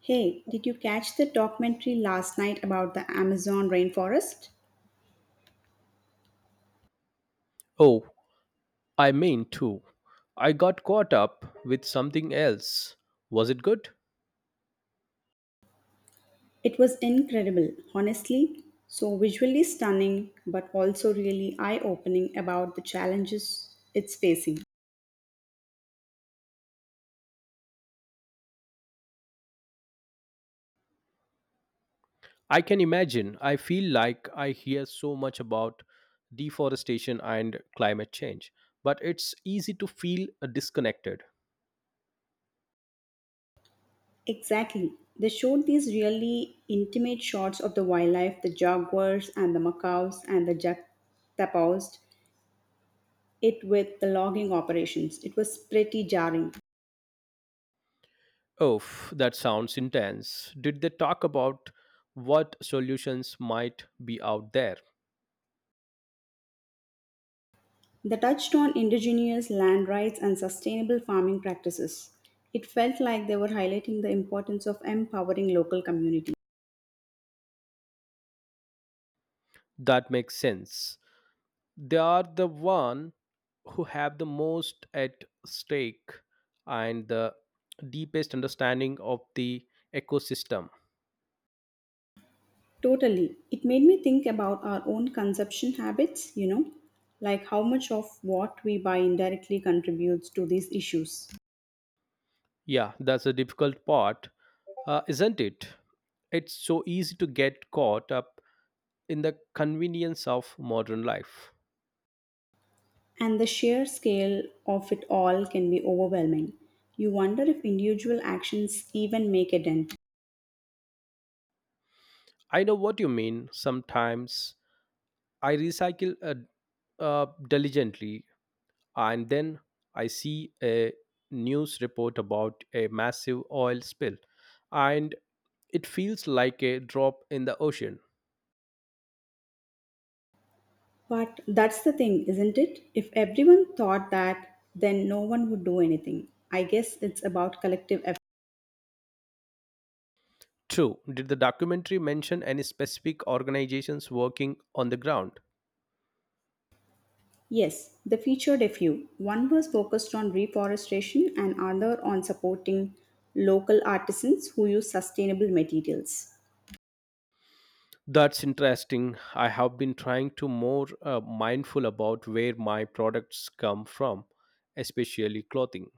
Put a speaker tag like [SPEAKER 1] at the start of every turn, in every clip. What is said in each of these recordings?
[SPEAKER 1] Hey, did you catch the documentary last night about the Amazon rainforest?
[SPEAKER 2] Oh, I mean too. I got caught up with something else. Was it good?
[SPEAKER 1] It was incredible, honestly. So visually stunning, but also really eye opening about the challenges it's facing.
[SPEAKER 2] I can imagine. I feel like I hear so much about deforestation and climate change, but it's easy to feel disconnected.
[SPEAKER 1] Exactly. They showed these really intimate shots of the wildlife, the jaguars and the macaws and the juxtaposed it with the logging operations. It was pretty jarring.
[SPEAKER 2] Oh, that sounds intense. Did they talk about what solutions might be out there?
[SPEAKER 1] The touched on indigenous land rights and sustainable farming practices. It felt like they were highlighting the importance of empowering local communities.
[SPEAKER 2] That makes sense. They are the one who have the most at stake and the deepest understanding of the ecosystem.
[SPEAKER 1] Totally. It made me think about our own consumption habits, you know, like how much of what we buy indirectly contributes to these issues.
[SPEAKER 2] Yeah, that's a difficult part, isn't it? It's so easy to get caught up in the convenience of modern life.
[SPEAKER 1] And the sheer scale of it all can be overwhelming. You wonder if individual actions even make a dent.
[SPEAKER 2] I know what you mean. Sometimes I recycle a diligently, and then I see a news report about a massive oil spill, and it feels like a drop in the ocean.
[SPEAKER 1] But that's the thing, isn't it? If everyone thought that, then no one would do anything. I guess it's about collective effort.
[SPEAKER 2] True, did the documentary mention any specific organizations working on the ground?
[SPEAKER 1] Yes, they featured a few. One was focused on reforestation and another on supporting local artisans who use sustainable materials.
[SPEAKER 2] That's interesting. I have been trying to more mindful about where my products come from, especially clothing.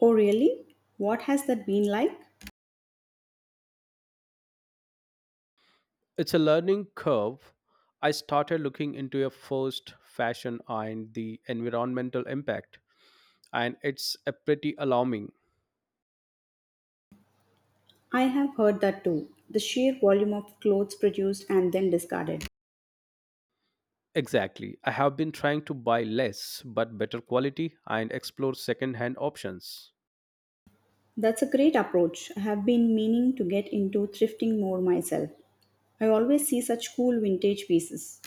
[SPEAKER 1] Oh, really? What has that been like?
[SPEAKER 2] It's a learning curve. I started looking into a first fashion and the environmental impact, and it's a pretty alarming.
[SPEAKER 1] I have heard that too. The sheer volume of clothes produced and then discarded.
[SPEAKER 2] Exactly. I have been trying to buy less but better quality and explore second-hand options.
[SPEAKER 1] That's a great approach. I have been meaning to get into thrifting more myself. I always see such cool vintage pieces.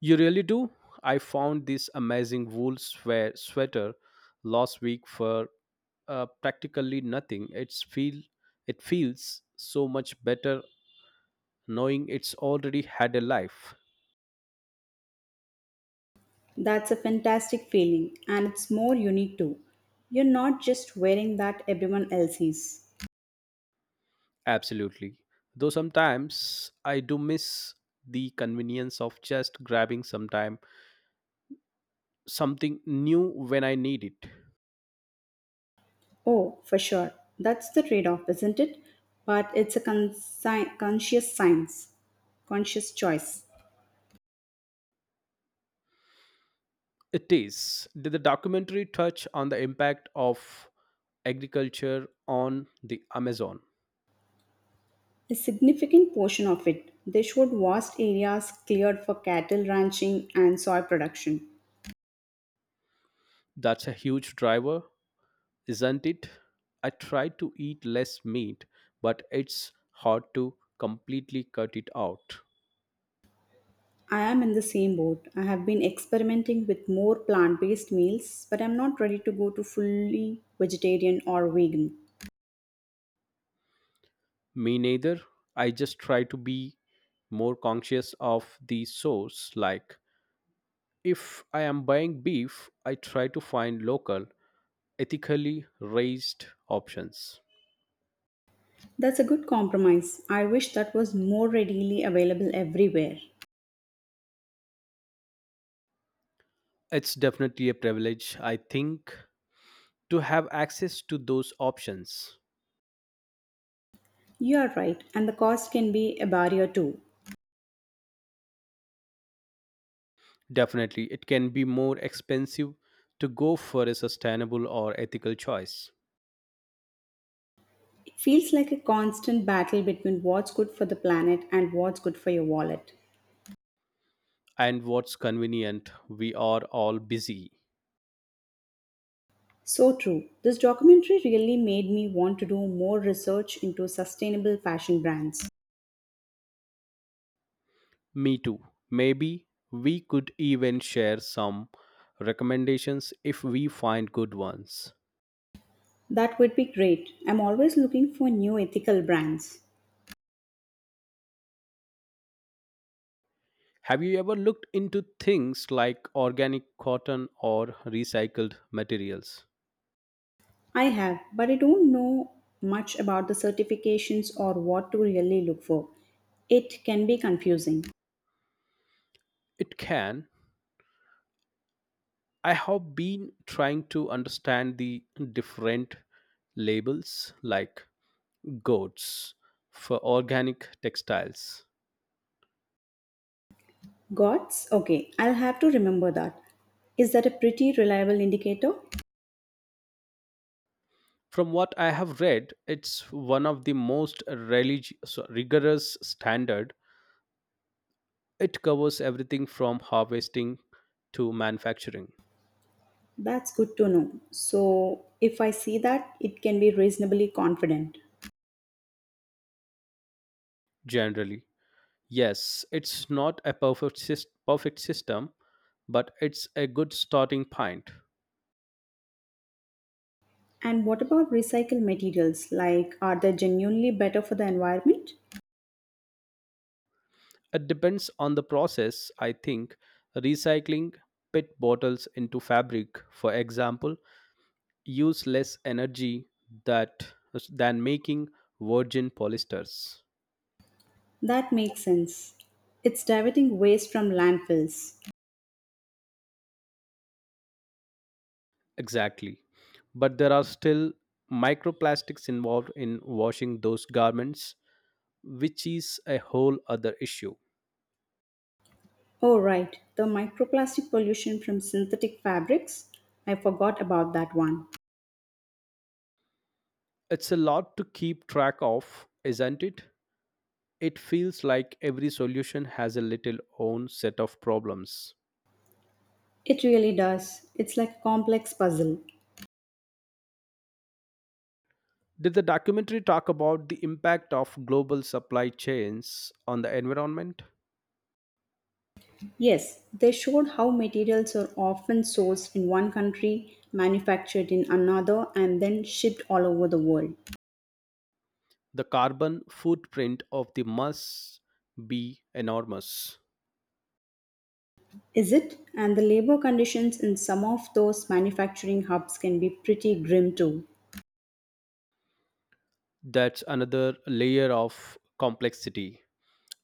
[SPEAKER 2] You really do? I found this amazing wool sweater last week for practically nothing. It feels so much better knowing it's already had a life.
[SPEAKER 1] That's a fantastic feeling, and it's more unique too. You're not just wearing that everyone else is.
[SPEAKER 2] Absolutely. Though sometimes I do miss the convenience of just grabbing sometime something new when I need it.
[SPEAKER 1] Oh, for sure. That's the trade off, isn't it? But it's a conscious conscious choice.
[SPEAKER 2] It is. Did the documentary touch on the impact of agriculture on the Amazon?
[SPEAKER 1] A significant portion of it, they showed vast areas cleared for cattle ranching and soy production.
[SPEAKER 2] That's a huge driver, isn't it? I try to eat less meat, but it's hard to completely cut it out.
[SPEAKER 1] I am in the same boat. I have been experimenting with more plant based meals, but I'm not ready to go to fully vegetarian or vegan.
[SPEAKER 2] Me neither. I just try to be more conscious of the source like If I am buying beef, I try to find local, ethically raised options.
[SPEAKER 1] That's a good compromise. I wish that was more readily available everywhere.
[SPEAKER 2] It's definitely a privilege, I think, to have access to those options.
[SPEAKER 1] You are right, and the cost can be a barrier too.
[SPEAKER 2] Definitely, it can be more expensive to go for a sustainable or ethical choice.
[SPEAKER 1] It feels like a constant battle between what's good for the planet and what's good for your wallet.
[SPEAKER 2] And what's convenient, we are all busy.
[SPEAKER 1] So true. This documentary really made me want to do more research into sustainable fashion brands.
[SPEAKER 2] Me too. Maybe we could even share some recommendations if we find good ones.
[SPEAKER 1] That would be great. I'm always looking for new ethical brands.
[SPEAKER 2] Have you ever looked into things like organic cotton or recycled materials?
[SPEAKER 1] I have, but I don't know much about the certifications or what to really look for. It can be confusing.
[SPEAKER 2] It can. I have been trying to understand the different labels like goats for organic textiles.
[SPEAKER 1] GOTS? Okay, I'll have to remember that. Is that a pretty reliable indicator?
[SPEAKER 2] From what I have read, it's one of the most rigorous standard. It covers everything from harvesting to manufacturing
[SPEAKER 1] That's good to know. So, if I see that, it can be reasonably confident.
[SPEAKER 2] generally. Yes, it's not a perfect system, but it's a good starting point.
[SPEAKER 1] And what about recycled materials? Like, are they genuinely better for the environment?
[SPEAKER 2] It depends on the process, I think. Recycling PET bottles into fabric, for example, use less energy that, than making virgin polyesters.
[SPEAKER 1] That makes sense. It's diverting waste from landfills.
[SPEAKER 2] Exactly. But there are still microplastics involved in washing those garments, which is a whole other issue.
[SPEAKER 1] Oh, right, the microplastic pollution from synthetic fabrics. I forgot about that one.
[SPEAKER 2] It's a lot to keep track of, isn't it? It feels like every solution has a little own set of problems.
[SPEAKER 1] It really does. It's like a complex puzzle.
[SPEAKER 2] Did the documentary talk about the impact of global supply chains on the environment?
[SPEAKER 1] Yes, they showed how materials are often sourced in one country, manufactured in another, and then shipped all over the world.
[SPEAKER 2] The carbon footprint of the must be enormous.
[SPEAKER 1] Is it? And the labor conditions in some of those manufacturing hubs can be pretty grim too.
[SPEAKER 2] That's another layer of complexity.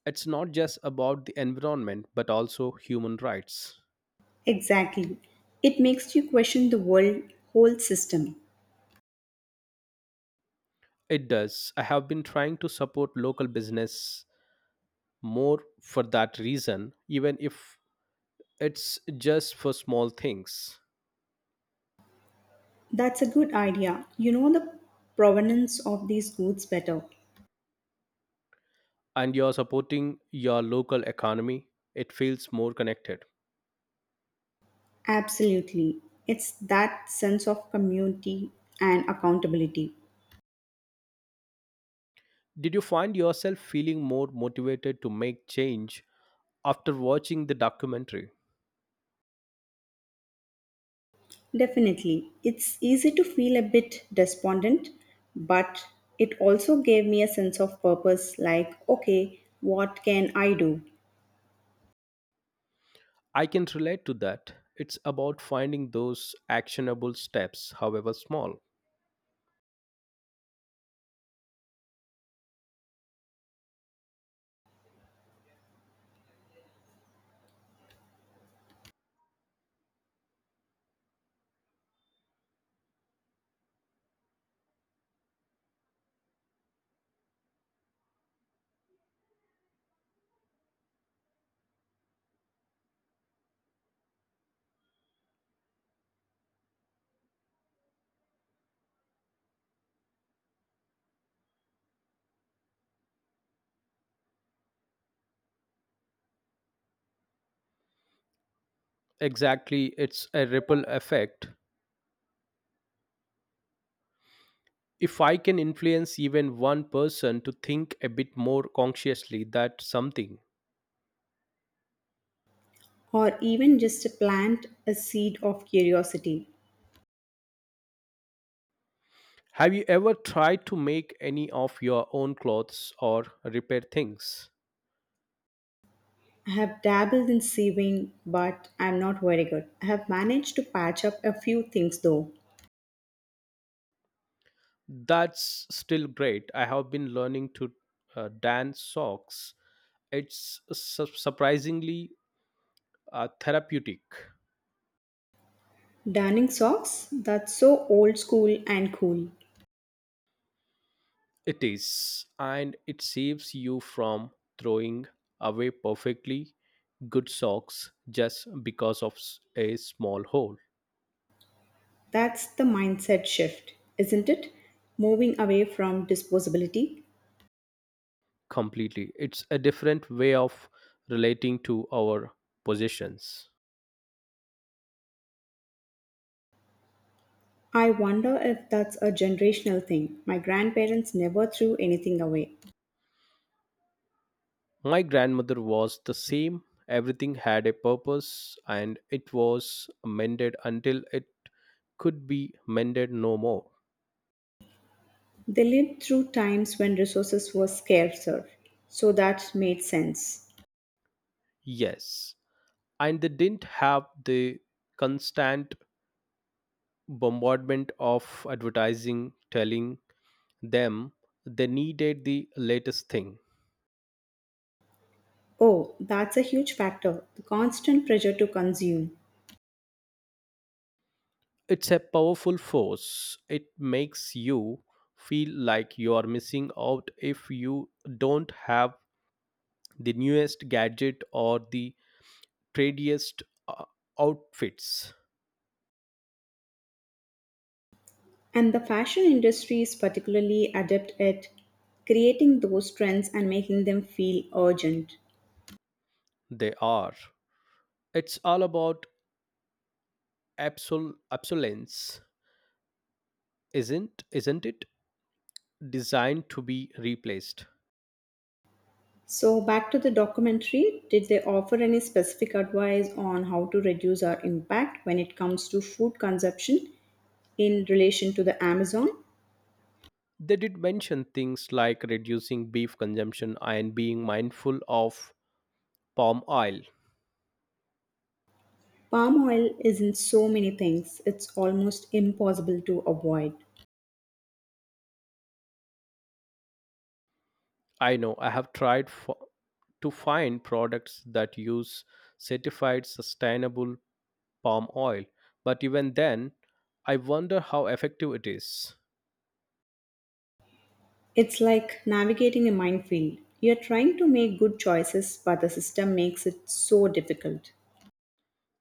[SPEAKER 2] It's not just about the environment but also human rights.
[SPEAKER 1] Exactly. It makes you question the world whole system.
[SPEAKER 2] It does. I have been trying to support local business more for that reason, even if It's just for small things,
[SPEAKER 1] That's a good idea. You know the provenance of these goods better.
[SPEAKER 2] and you're supporting your local economy. It feels more connected.
[SPEAKER 1] Absolutely. It's that sense of community and accountability.
[SPEAKER 2] Did you find yourself feeling more motivated to make change after watching the documentary?
[SPEAKER 1] Definitely. It's easy to feel a bit despondent, but it also gave me a sense of purpose like, okay, what can I do?
[SPEAKER 2] I can relate to that. It's about finding those actionable steps, however small. Exactly, it's a ripple effect. If I can influence even one person to think a bit more consciously, that's something.
[SPEAKER 1] Or even just to plant a seed of curiosity.
[SPEAKER 2] Have you ever tried to make any of your own clothes or repair things?
[SPEAKER 1] I have dabbled in sewing, but I'm not very good. I have managed to patch up a few things though.
[SPEAKER 2] That's still great. I have been learning to darn socks. It's surprisingly therapeutic.
[SPEAKER 1] Darning socks? That's so old school and cool.
[SPEAKER 2] It is, and it saves you from throwing away perfectly good socks just because of a small hole
[SPEAKER 1] That's the mindset shift, isn't it? Moving away from disposability.
[SPEAKER 2] completely. It's a different way of relating to our possessions.
[SPEAKER 1] I wonder if that's a generational thing. My grandparents never threw anything away.
[SPEAKER 2] My grandmother was the same. Everything had a purpose and it was mended until it could be mended no more.
[SPEAKER 1] They lived through times when resources were scarcer, so that made sense.
[SPEAKER 2] Yes. And they didn't have the constant bombardment of advertising telling them they needed the latest thing.
[SPEAKER 1] Oh, that's a huge factor the constant pressure to consume.
[SPEAKER 2] It's a powerful force. It makes you feel like you are missing out if you don't have the newest gadget or the tradiest uh, outfits
[SPEAKER 1] And the fashion industry is particularly adept at creating those trends and making them feel urgent.
[SPEAKER 2] they are. It's all about obsolescence, isn't it? Designed to be replaced.
[SPEAKER 1] So, back to the documentary, did they offer any specific advice on how to reduce our impact when it comes to food consumption in relation to the Amazon?
[SPEAKER 2] They did mention things like reducing beef consumption and being mindful of palm oil.
[SPEAKER 1] Palm oil is in so many things, it's almost impossible to avoid.
[SPEAKER 2] I know I have tried for, to find products that use certified sustainable palm oil, but even then, I wonder how effective it is.
[SPEAKER 1] It's like navigating a minefield. You're trying to make good choices, but the system makes it so difficult.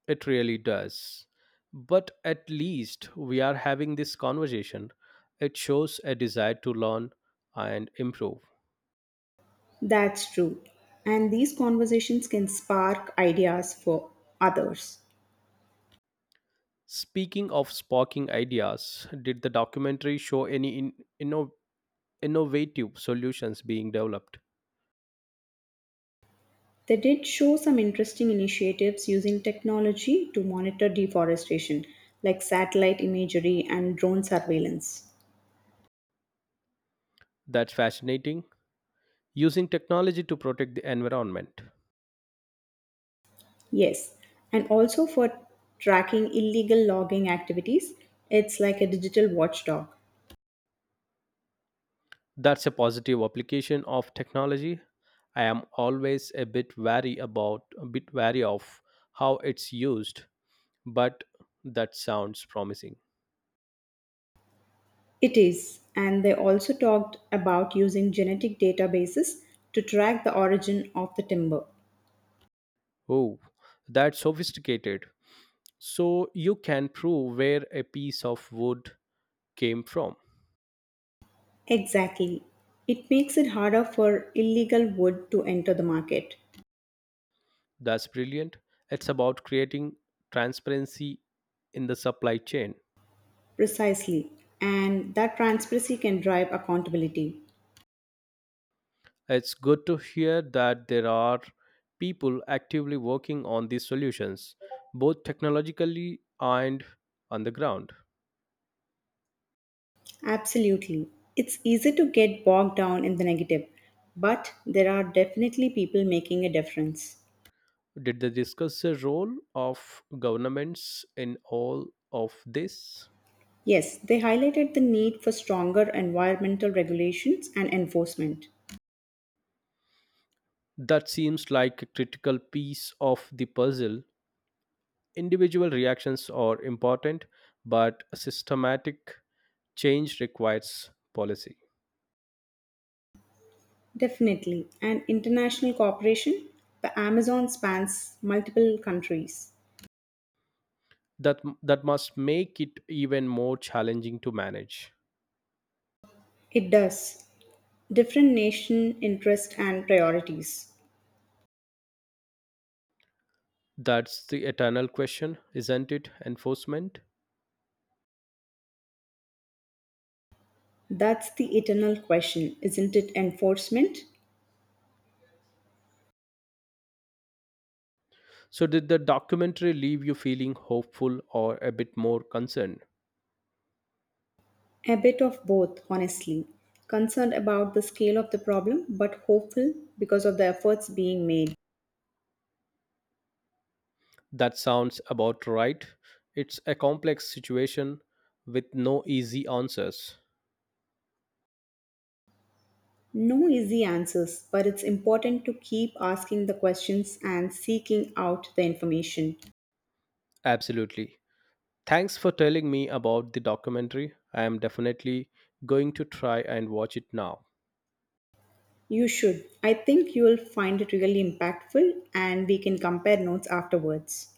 [SPEAKER 2] It really does. But at least we are having this conversation. It shows a desire to learn and improve.
[SPEAKER 1] That's true. And these conversations can spark ideas for others.
[SPEAKER 2] Speaking of sparking ideas, did the documentary show any inno, innovative solutions being developed?
[SPEAKER 1] They did show some interesting initiatives using technology to monitor deforestation, like satellite imagery and drone surveillance.
[SPEAKER 2] That's fascinating. Using technology to protect the environment.
[SPEAKER 1] Yes, and also for tracking illegal logging activities, it's like a digital watchdog.
[SPEAKER 2] That's a positive application of technology. I am always a bit wary of how it's used but that sounds promising.
[SPEAKER 1] It is, and they also talked about using genetic databases to track the origin of the timber.
[SPEAKER 2] Oh, that's sophisticated. So you can prove where a piece of wood came from.
[SPEAKER 1] Exactly. It makes it harder for illegal wood to enter the market.
[SPEAKER 2] That's brilliant. It's about creating transparency in the supply chain.
[SPEAKER 1] Precisely. And that transparency can drive accountability.
[SPEAKER 2] It's good to hear that there are people actively working on these solutions, both technologically and on the ground.
[SPEAKER 1] Absolutely. It's easy to get bogged down in the negative, but there are definitely people making a difference.
[SPEAKER 2] Did they discuss the role of governments in all of this?
[SPEAKER 1] Yes, they highlighted the need for stronger environmental regulations and enforcement.
[SPEAKER 2] That seems like a critical piece of the puzzle. Individual reactions are important, but a systematic change requires policy.
[SPEAKER 1] Definitely. And international cooperation, the Amazon spans multiple countries.
[SPEAKER 2] That must make it even more challenging to manage.
[SPEAKER 1] It does. Different nation interest and priorities.
[SPEAKER 2] That's the eternal question, isn't it? Enforcement.
[SPEAKER 1] That's the eternal question, isn't it? Enforcement?
[SPEAKER 2] So, did the documentary leave you feeling hopeful or a bit more concerned?
[SPEAKER 1] A bit of both, honestly. Concerned about the scale of the problem, but hopeful because of the efforts being made.
[SPEAKER 2] That sounds about right. It's a complex situation with no easy answers.
[SPEAKER 1] No easy answers, but it's important to keep asking the questions and seeking out the information.
[SPEAKER 2] Absolutely. Thanks for telling me about the documentary. I am definitely going to try and watch it now.
[SPEAKER 1] You should. I think you will find it really impactful, and we can compare notes afterwards.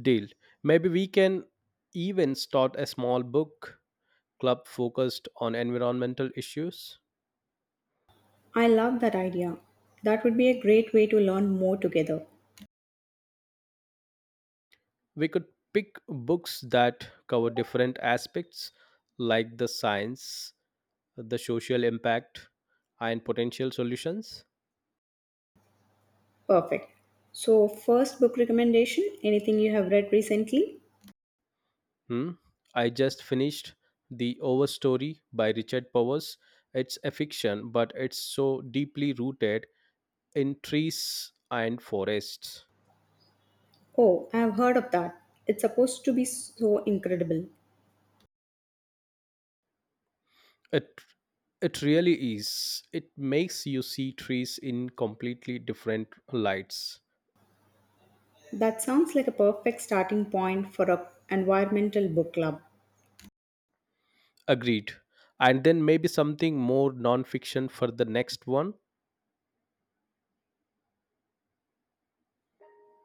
[SPEAKER 2] Deal. Maybe we can even start a small book club focused on environmental issues.
[SPEAKER 1] I love that idea. That would be a great way to learn more together.
[SPEAKER 2] We could pick books that cover different aspects like the science, the social impact, and potential solutions.
[SPEAKER 1] Perfect. So, first book recommendation, anything you have read recently?
[SPEAKER 2] Hmm? I just finished The Overstory by Richard Powers. It's a fiction, but it's so deeply rooted in trees and forests.
[SPEAKER 1] Oh, I have heard of that. It's supposed to be so incredible.
[SPEAKER 2] It it really is. It makes you see trees in completely different lights.
[SPEAKER 1] That sounds like a perfect starting point for a environmental book club.
[SPEAKER 2] Agreed. And then maybe something more non-fiction for the next one.